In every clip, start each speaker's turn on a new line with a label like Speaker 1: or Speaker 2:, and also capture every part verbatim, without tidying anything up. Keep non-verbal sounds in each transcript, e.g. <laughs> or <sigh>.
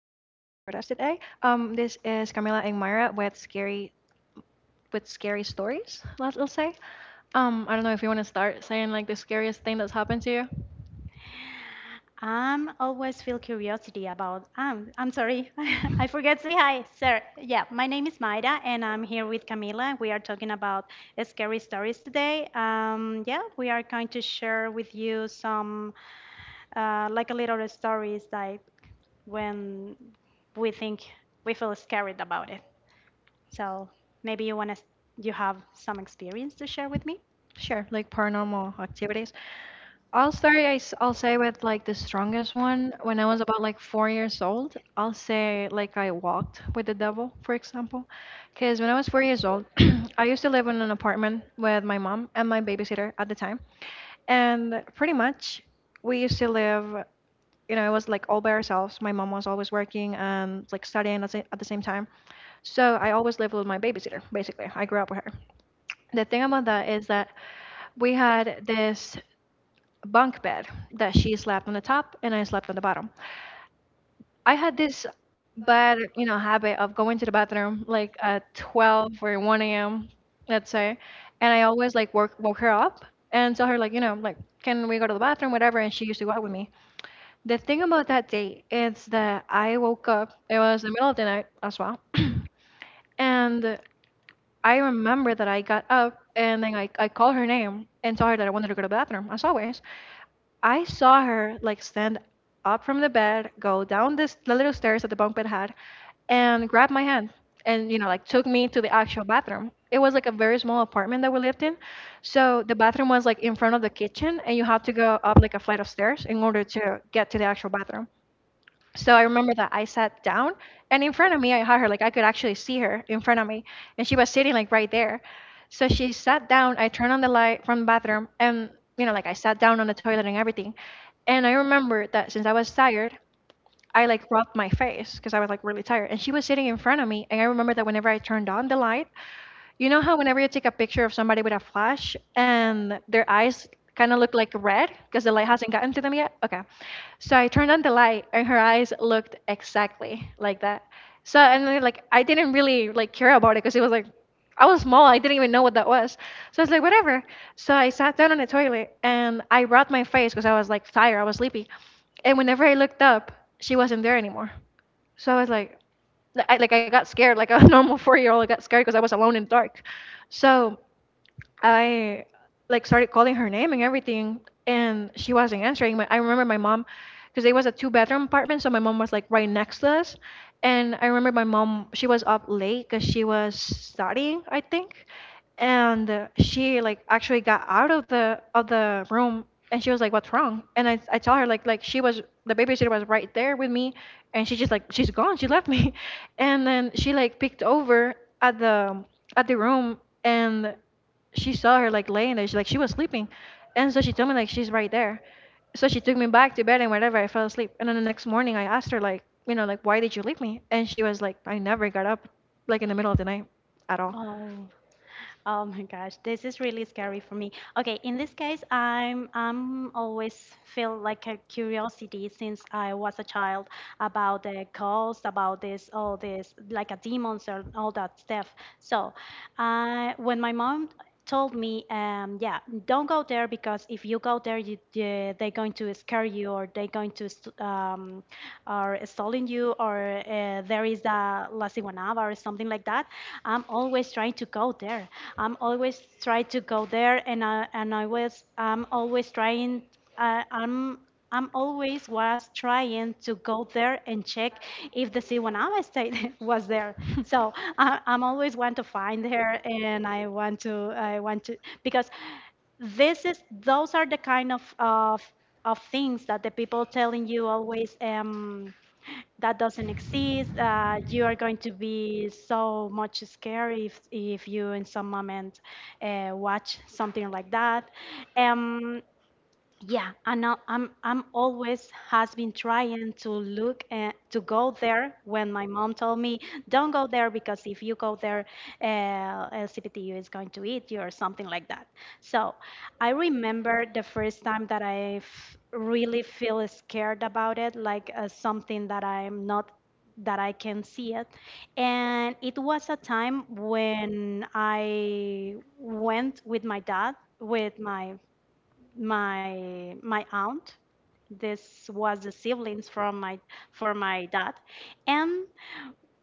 Speaker 1: us today. Um, this is Camila and Myra with scary with scary stories. Let's, let's say. Um, I don't know if you want to start saying like the scariest thing that's happened to you.
Speaker 2: I'm always feel curiosity about. Um, I'm sorry, <laughs> I forget say hi, sir. Yeah, my name is Mayra, and I'm here with Camila. We are talking about scary stories today. Um, yeah, we are going to share with you some, uh, like a little stories like when we think we feel scared about it. So maybe you wanna, you have some experience to share with me?
Speaker 1: Sure, like paranormal activities. I'll start. I, will say with like the strongest one. When I was about like four years old, I'll say like I walked with the devil, for example, because when I was four years old, <clears throat> I used to live in an apartment with my mom and my babysitter at the time, and pretty much we used to live. You know, it was like all by ourselves. My mom was always working and like studying at the sa- at the same time, so I always lived with my babysitter. Basically, I grew up with her. The thing about that is that we had this bunk bed that she slept on the top and I slept on the bottom. I had this bad, you know, habit of going to the bathroom like at twelve or one a m, let's say, and I always like woke woke her up and tell her like, you know, like, can we go to the bathroom, whatever, and she used to go out with me. The thing about that day is that I woke up. It was the middle of the night as well, <clears throat> and I remember that I got up and then I, I called her name and told her that I wanted to go to the bathroom, as always. I saw her like stand up from the bed, go down this the little stairs that the bunk bed had, and grab my hand and you know like took me to the actual bathroom. It was like a very small apartment that we lived in, so the bathroom was like in front of the kitchen, and you have to go up like a flight of stairs in order to get to the actual bathroom. So I remember that I sat down and in front of me I had her, like I could actually see her in front of me. And she was sitting like right there. So she sat down, I turned on the light from the bathroom and you know, like I sat down on the toilet and everything. And I remember that since I was tired, I like rubbed my face because I was like really tired. And she was sitting in front of me. And I remember that whenever I turned on the light, you know how whenever you take a picture of somebody with a flash and their eyes kind of look like red because the light hasn't gotten to them yet? Okay. So I turned on the light and her eyes looked exactly like that. So and then, like I didn't really like care about it because it was like I was small, I didn't even know what that was. So I was like whatever. So I sat down on the toilet and I rubbed my face because I was like tired, I was sleepy. And whenever I looked up, she wasn't there anymore. So I was like like I, like I got scared, like <laughs> a normal four year old I got scared because I was alone in the dark. So I like started calling her name and everything, and she wasn't answering. My, I remember my mom, because it was a two-bedroom apartment, so my mom was like right next to us. And I remember my mom, she was up late because she was studying, I think, and uh, she like actually got out of the of the room, and she was like, "What's wrong?" And I I told her like like she was the babysitter was right there with me, and she just like she's gone, she left me, <laughs> and then she like peeked over at the at the room and she saw her like laying there. She like she was sleeping, and so she told me like she's right there. So she took me back to bed and whatever. I fell asleep, and then the next morning I asked her like you know like why did you leave me? And she was like I never got up like in the middle of the night at all.
Speaker 2: Oh. Oh my gosh, this is really scary for me. Okay, in this case, I'm I'm always feel like a curiosity since I was a child about the ghosts, about this, all this, like a demons and all that stuff. So, uh, when my mom told me, um, yeah, don't go there because if you go there, you, they- they're going to scare you or they're going to, st- um, or stalling you or uh, there is a La Ciguanaba or something like that, I'm always trying to go there. I'm always trying to go there and I, and I was I'm always trying uh, I'm I'm always was trying to go there and check if the Siwanava state <laughs> was there. So I, I'm always want to find her, and I want to I want to because this is those are the kind of of, of things that the people telling you always um that doesn't exist uh, you are going to be so much scared if if you in some moment uh, watch something like that, um yeah, I know. I'm I'm always has been trying to look uh, to go there when my mom told me don't go there because if you go there, uh, uh, C P T U is going to eat you or something like that. So I remember the first time that I f- really feel scared about it, like uh, something that I'm not that I can see it. And it was a time when I went with my dad, with my my my aunt. This was the siblings from my for my dad, and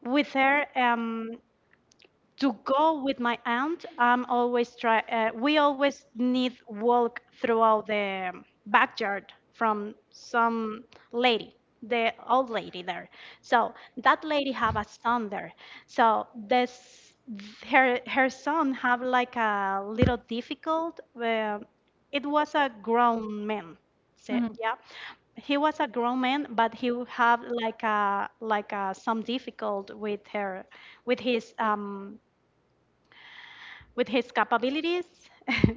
Speaker 2: with her, um, to go with my aunt, I'm always try. Uh, we always need walk throughout the backyard from some lady, the old lady there. So that lady have a son there. So this her her son have like a little difficult. Uh, it was a grown man. So,
Speaker 1: Mhm.
Speaker 2: yeah, he was a grown man, but he would have like a like a, some difficult with her with his, um with his capabilities,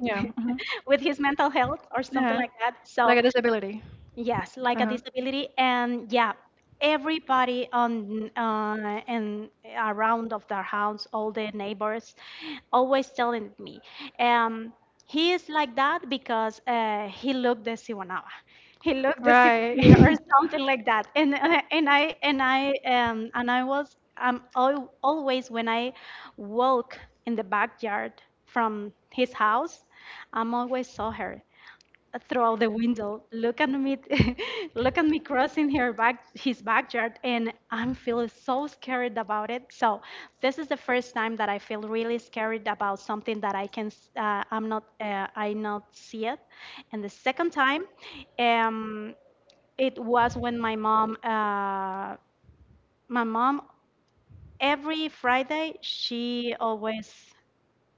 Speaker 1: Yeah. Mhm.
Speaker 2: with his mental health, or something
Speaker 1: Yeah.
Speaker 2: like that. So
Speaker 1: Like a disability.
Speaker 2: yes, like a
Speaker 1: Uh-huh.
Speaker 2: disability, and yeah, everybody on uh, and around of their house, all the neighbors, always telling me, um, he is like that because uh, he looked the Siwanava, he looked the
Speaker 1: Right.
Speaker 2: Sibania or something like that, and uh, and I and I um, and I was um al always when I walk in the backyard
Speaker 1: <laughs>
Speaker 2: from his house, I'm always saw her through out the window, look at me, <laughs> look at me crossing her back, his backyard, and I'm feeling so scared about it. So this is the first time that I feel really scared about something that I can, s- uh, I'm not, uh, I not see it. And the second time, um, it was when my mom, uh, my mom, every Friday she always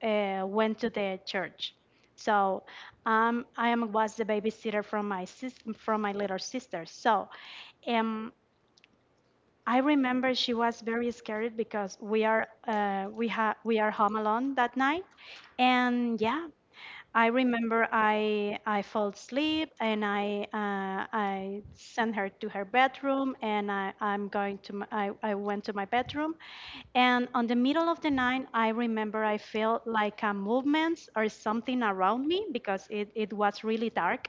Speaker 2: uh, went to the church. So um, I am was the babysitter from my sis- from my little sister. So um, I remember she was very scared because we are uh, we ha- we are home alone that night, and yeah, I remember I I fell asleep and I uh, I sent her to her bedroom and I I'm going to my, I I went to my bedroom and on the middle of the night I remember I felt like a movement or something around me because it it was really dark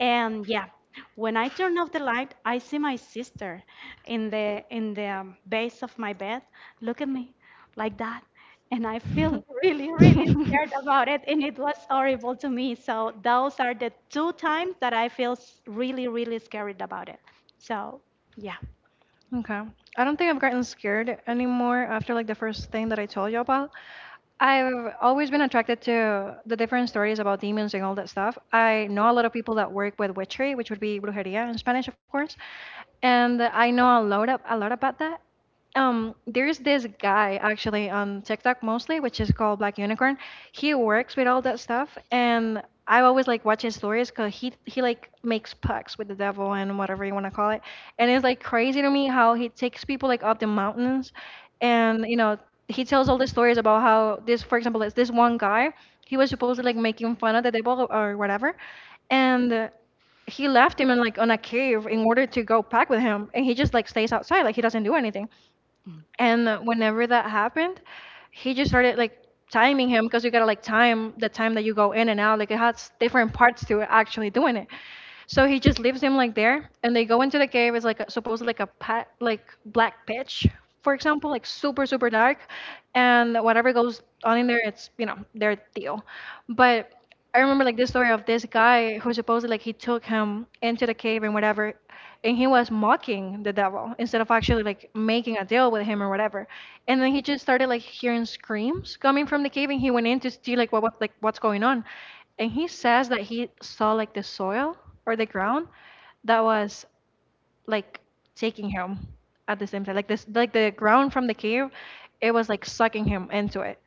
Speaker 2: and yeah when I turn off the light I see my sister in the in the um, base of my bed look at me like that and I feel really, really
Speaker 1: <laughs>
Speaker 2: scared about it. And it was horrible to me. So those are the two times that I feel s- really, really scared about it. So yeah.
Speaker 1: Okay. I don't think I've gotten scared anymore after like the first thing that I told you about. I've always been attracted to the different stories about demons and all that stuff. I know a lot of people that work with witchery, which would be brujería in Spanish, of course, and I know a lot of, a lot about that. Um there's this guy actually on TikTok mostly, which is called Black Unicorn. He works with all that stuff, and I always like watch his stories because he he like makes pacts with the devil and whatever you want to call it, and it's like crazy to me how he takes people like up the mountains, and you know he tells all the stories about how this, for example, is this one guy he was supposed to like making fun of the devil or whatever, and uh, he left him in like on a cave in order to go pack with him, and he just like stays outside like he doesn't do anything and whenever that happened, he just started like timing him because you gotta like time the time that you go in and out. Like it has different parts to it actually doing it. So he just leaves him like there, and they go into the cave. It's like a, supposed like a pat, like black pitch, for example, like super super dark, and whatever goes on in there, it's you know their deal. But I remember like this story of this guy who supposedly like he took him into the cave and whatever, and he was mocking the devil instead of actually like making a deal with him or whatever. And then he just started like hearing screams coming from the cave, and he went in to see like what, what like what's going on and he says that he saw like the soil or the ground that was like taking him at the same time. Like this like the ground from the cave, it was like sucking him into it.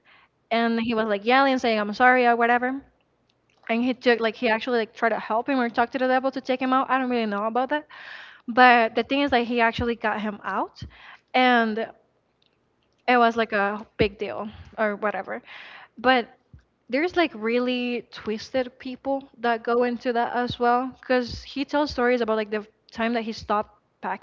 Speaker 1: And he was like yelling, saying, I'm sorry or whatever. And he took like he actually like tried to help him or talk to the devil to take him out. I don't really know about that. But the thing is that he actually got him out. And it was like a big deal or whatever. But there's like really twisted people that go into that as well because he tells stories about like the time that he stopped packing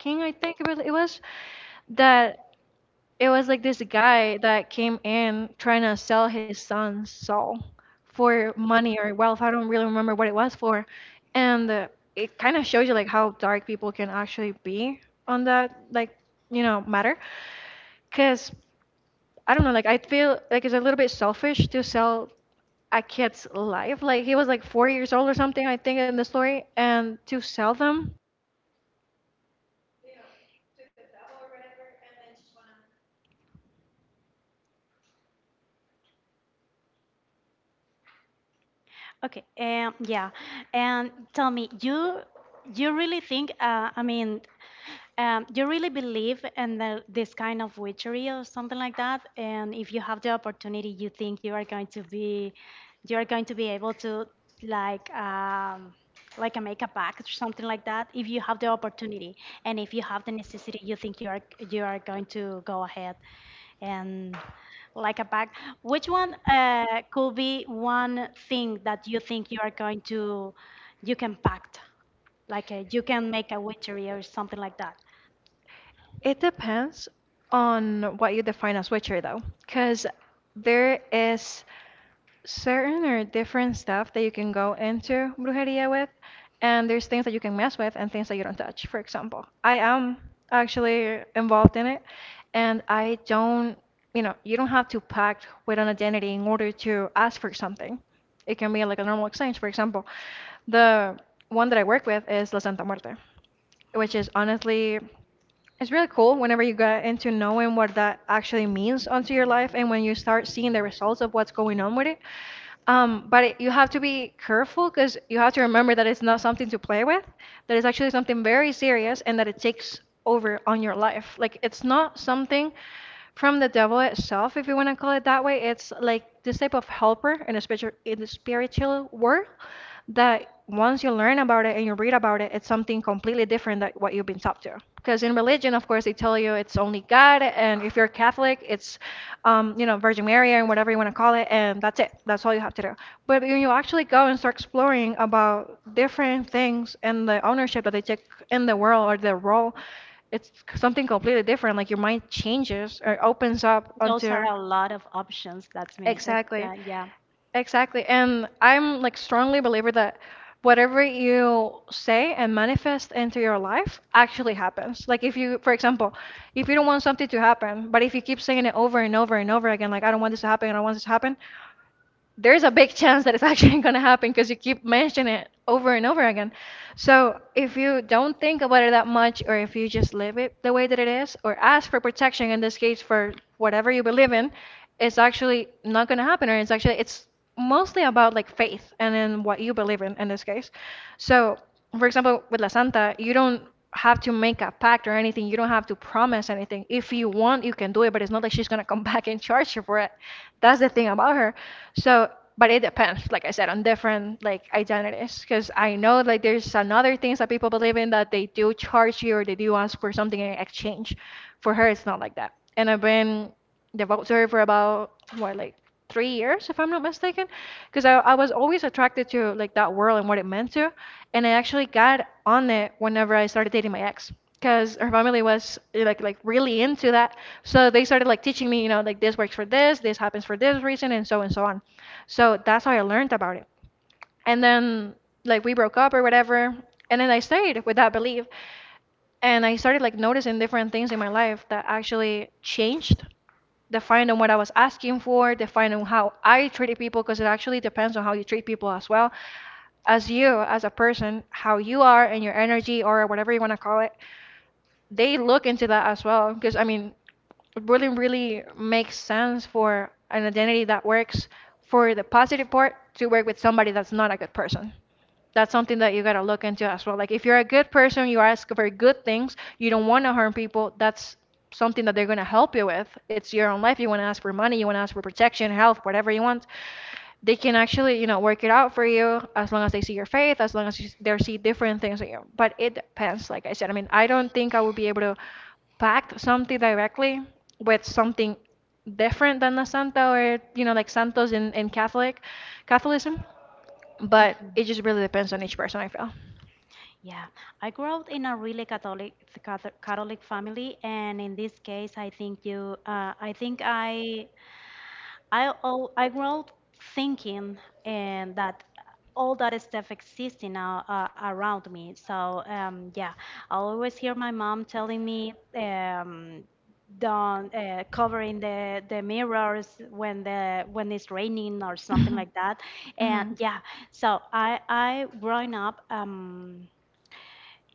Speaker 2: Okay, um, yeah, and tell me, you you really think? Uh, I mean, um, you really believe in the, this kind of witchery or something like that? And if you have the opportunity, you think you are going to be, you are going to be able to like, um, like a make a pact or something like that? If you have the opportunity and if you have the necessity, you think you are you are going to go ahead and like a bag. Which one uh, could be one thing that you think you are going to, you can pact, like uh you can make a witchery or something like that? That, I'm sure. Yeah. Those are a lot of options. That's mean it, uh, yeah. Mhm. Yeah, I grew up in a really Catholic, Catho- Catholic family, and in this case, I think you, uh, I think I I all I grew up thinking and that all that stuff existing now uh, uh, around me. So um, yeah, I always hear my mom telling me, um, don't uh, covering the the mirrors when the when it's raining or something like that. And yeah, so I I growing up, um.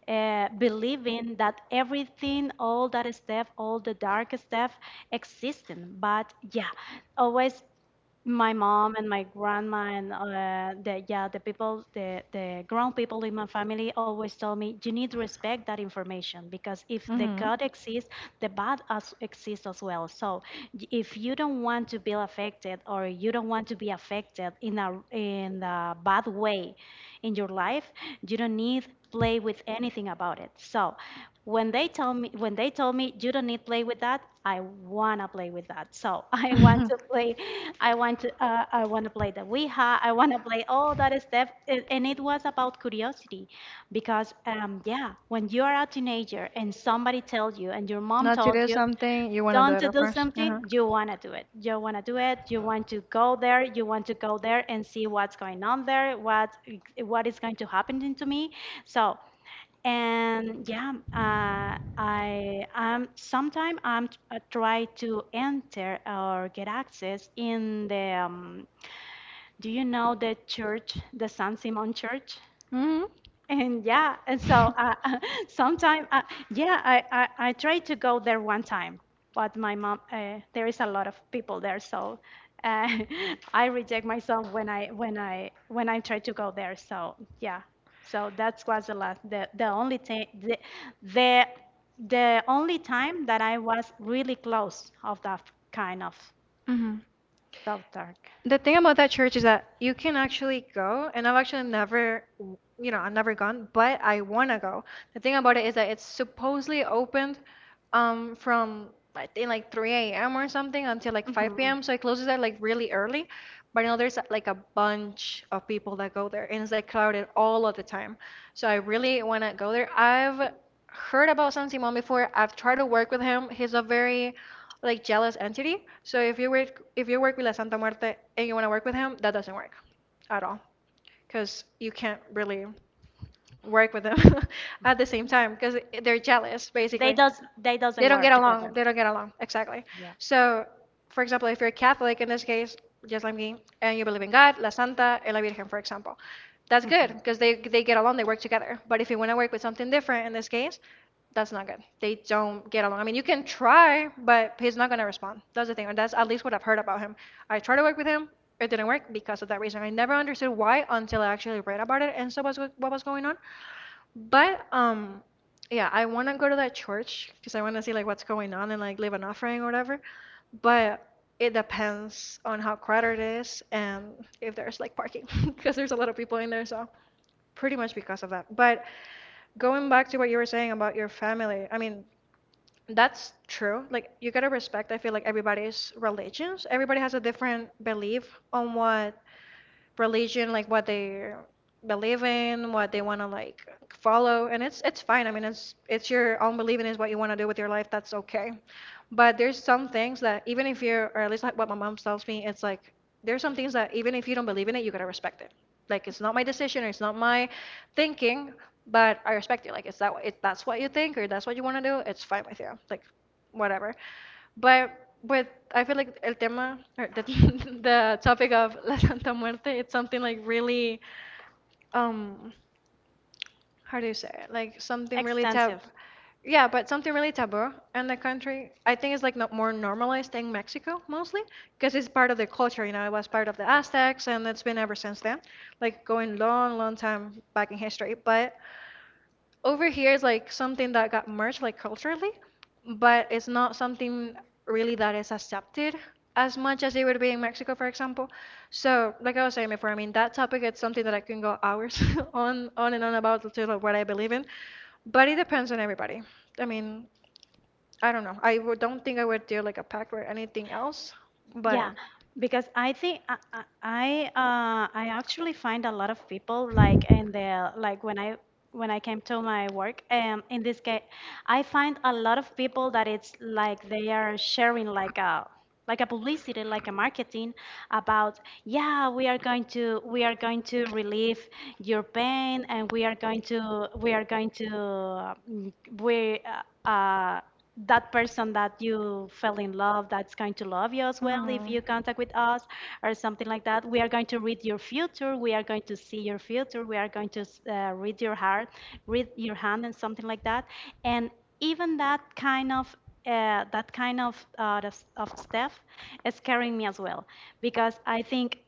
Speaker 2: Uh, believing that everything, all that stuff, all the dark stuff, existing. But yeah, always my mom and my grandma and uh, the yeah the people, the the grown people in my family always told me you need to respect that information because if the good exists the bad as exists as well, so y- if you don't want to be affected or you don't want to be affected in a in a bad way in your life you don't need play with anything about it so when they tell me when they told me you don't need play with that I wanna play with that. So <laughs> i want to play I want to uh, I want to play the Ouija. I want to play all that stuff. A- And it was about curiosity, because um, yeah, when you are a teenager and somebody tells you, and your mom told you, don't to do something, you want to do it. You want to do it. You want to go there. You want to go there and see what's going on there. What what is going to happen to me? So and yeah, uh, I um sometime I'm t- I try to enter or get access in the, um, do you know the church, the San Simon Church? And yeah, and so uh, <laughs> sometime, uh, yeah, I, I, I tried to go there one time, but my mom, uh, there is a lot of people there, so uh, <laughs> I reject myself when I when I when I try to go there. So yeah, so that was the last, the the only thing, the, the the only time that I was really close of that kind of Dove Dark. Mhm. They does, they doesn't work together. Yeah, extensive. Yeah, because I think I I I, uh, I actually find a lot of people like in the like when I when I came to my work, um in this case I find a lot of people that it's like they are sharing like a like a publicity like a marketing about yeah we are going to we are going to relieve your pain and we are going to we are going to, uh, mm, we uh, uh, that person that you fell in love that's going to love you as well if you contact with us or something like that, we are going to read your future, we are going to see your future, we are going to uh, read your heart, read your hand and something like that, and even that kind of, uh, that kind of uh, of of stuff is scaring me as well, because I think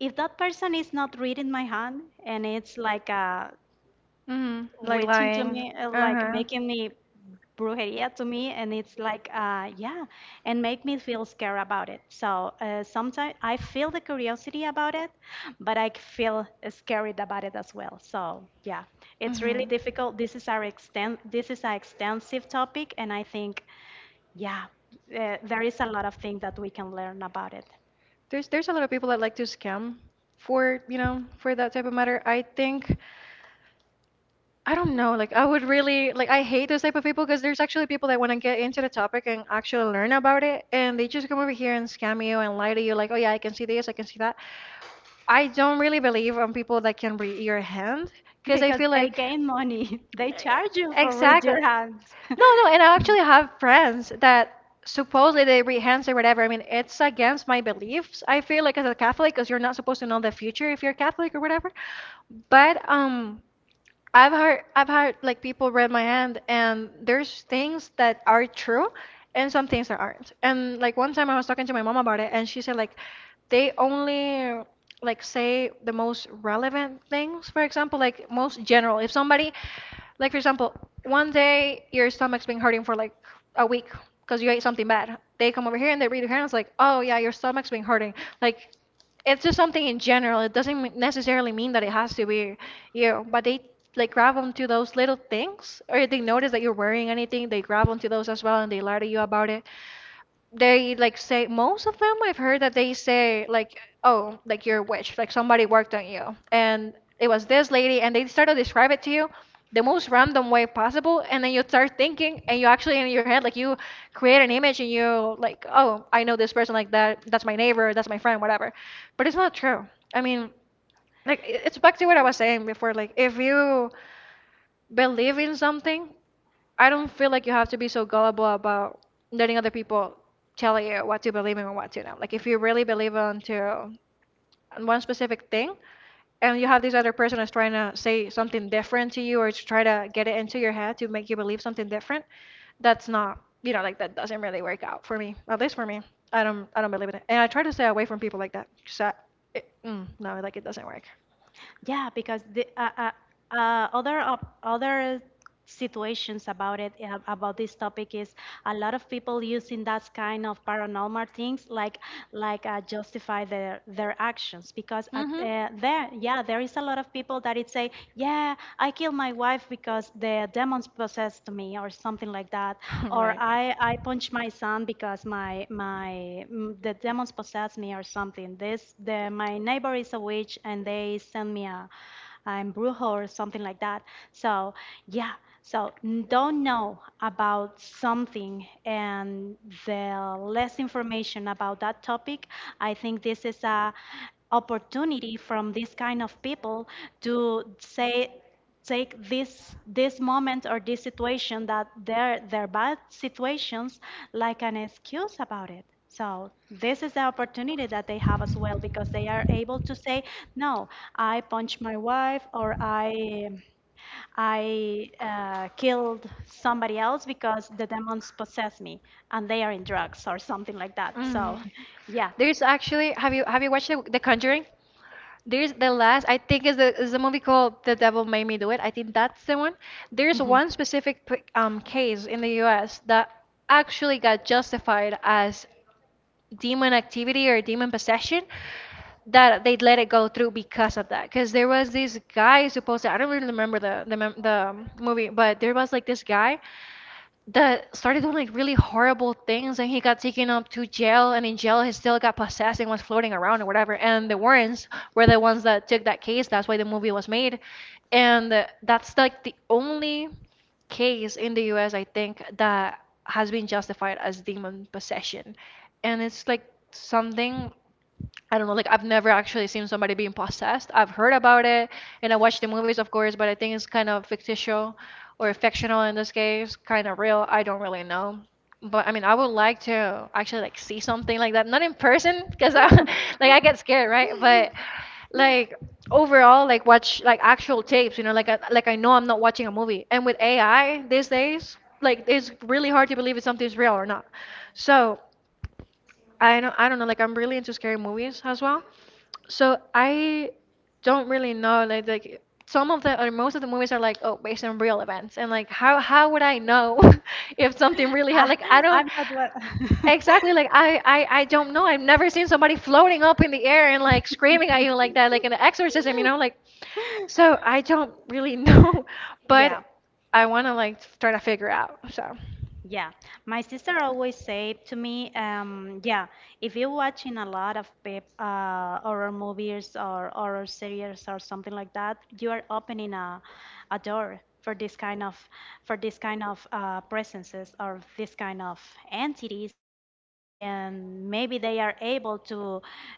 Speaker 2: if that person is not reading my hand and it's like a witching to me, uh, like making me brujeria to me, and it's like, uh, yeah, and make me feel scared about it. So uh, sometimes I feel the curiosity about it, but I feel scared about it as well. So yeah, it's really difficult. This is our extent. This is an extensive topic, and I think, yeah, uh, there is a lot of things that we can learn about it. Because they gain money. <laughs> They charge you for with your hands. <laughs> Yeah, because the uh, uh, uh, other op- other situations about it, uh, about this topic, is a lot of people using that kind of paranormal things like like uh, justify their their actions. Because at, uh, there yeah there is a lot lot of people that it say, yeah, I killed my wife because the demons possessed me or something like that, or I I punched my son because my my mm, the demons possessed me or something. This, the my neighbor is a witch and they send me a an brujo or something like that. So yeah. So n- don't know about something, and the less information about that topic, I think this is a opportunity from this kind of people to say, take this this moment or this situation, that they're they're bad situations, like an excuse about it. So this is the opportunity that they have as well, because they are able to say, no, I punched my wife, or i i uh, killed somebody else because the demons possess me, and they are in drugs or something like that. So <laughs> yeah. Mhm. <laughs> I, I'm not what. <laughs> Yeah, yeah. My sister always say to me, um, yeah, if you're watching a lot of pep, uh, horror movies or horror series or something like that, you are opening a, a door for this kind of, for this kind of uh, presences or this kind of entities, and maybe they are able to uh,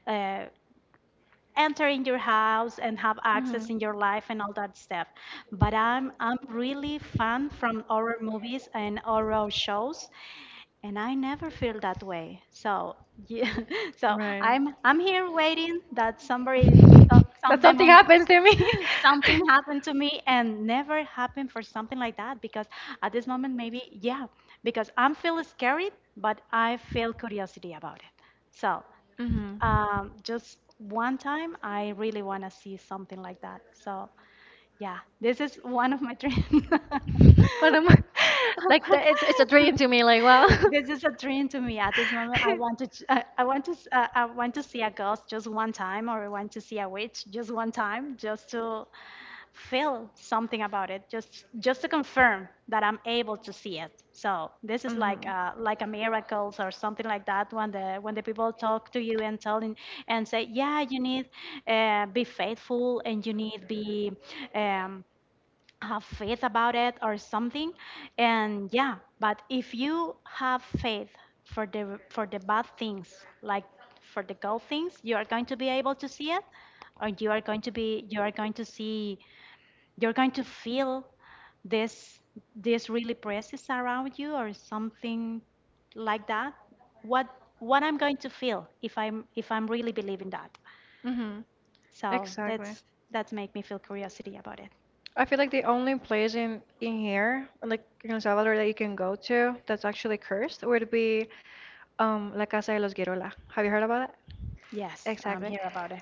Speaker 2: enter in your house and have access in your life and all that stuff. But I'm I'm really fan from horror movies and horror shows, and I never feel that way. So yeah, <laughs> so I'm I'm here waiting that somebody, so- some demon, <laughs> something happened to me, and never happened for something like that. Because at this moment, maybe yeah, because I'm feel scared, but I feel curiosity about it. So um, just one time, I really want to see something like that. So yeah, this is one of my dreams. <laughs> This is a dream to me at this moment. I want to, ch- I I want to, s- uh, I want to see a ghost just one time, or I want to see a witch just one time, just to feel something about it, just just to confirm that I'm able to see it. So this is like uh, like a miracles or something like that, when the when the people talk to you and telling and say, yeah, you need uh, be faithful, and you need be um, have faith about it or something. And yeah, but if you have faith for the, for the bad things like for the good things, you are going to be able to see it, or you are going to be, you are going to see, you're going to feel this, this really presence around you or something like that. What what I'm going to feel if i'm if I'm really believing that? So that's that's make me feel curiosity about it. Yes, I'm here about it.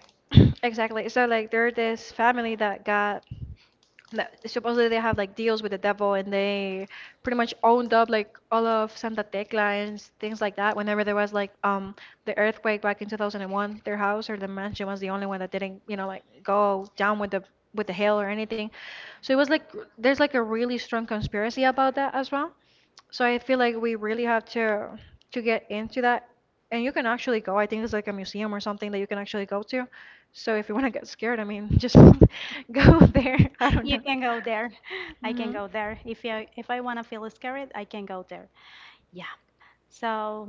Speaker 2: <laughs> You can go there, I can go there. If you, if I want to feel scared, I can go there. Yeah, so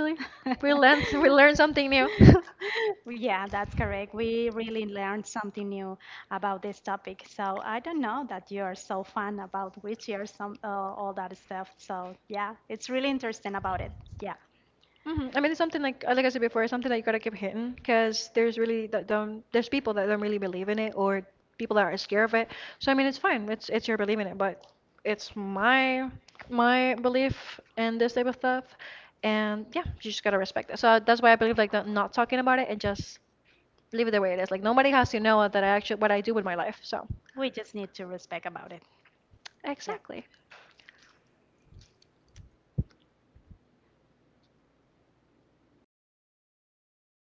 Speaker 2: <laughs> yeah, that's correct. We really learned something new about this topic. So I don't know that you are so fun about wheelchairs, some, uh, all that stuff. So yeah, it's really interesting about it. Yeah, we just need to respect about it. Yeah.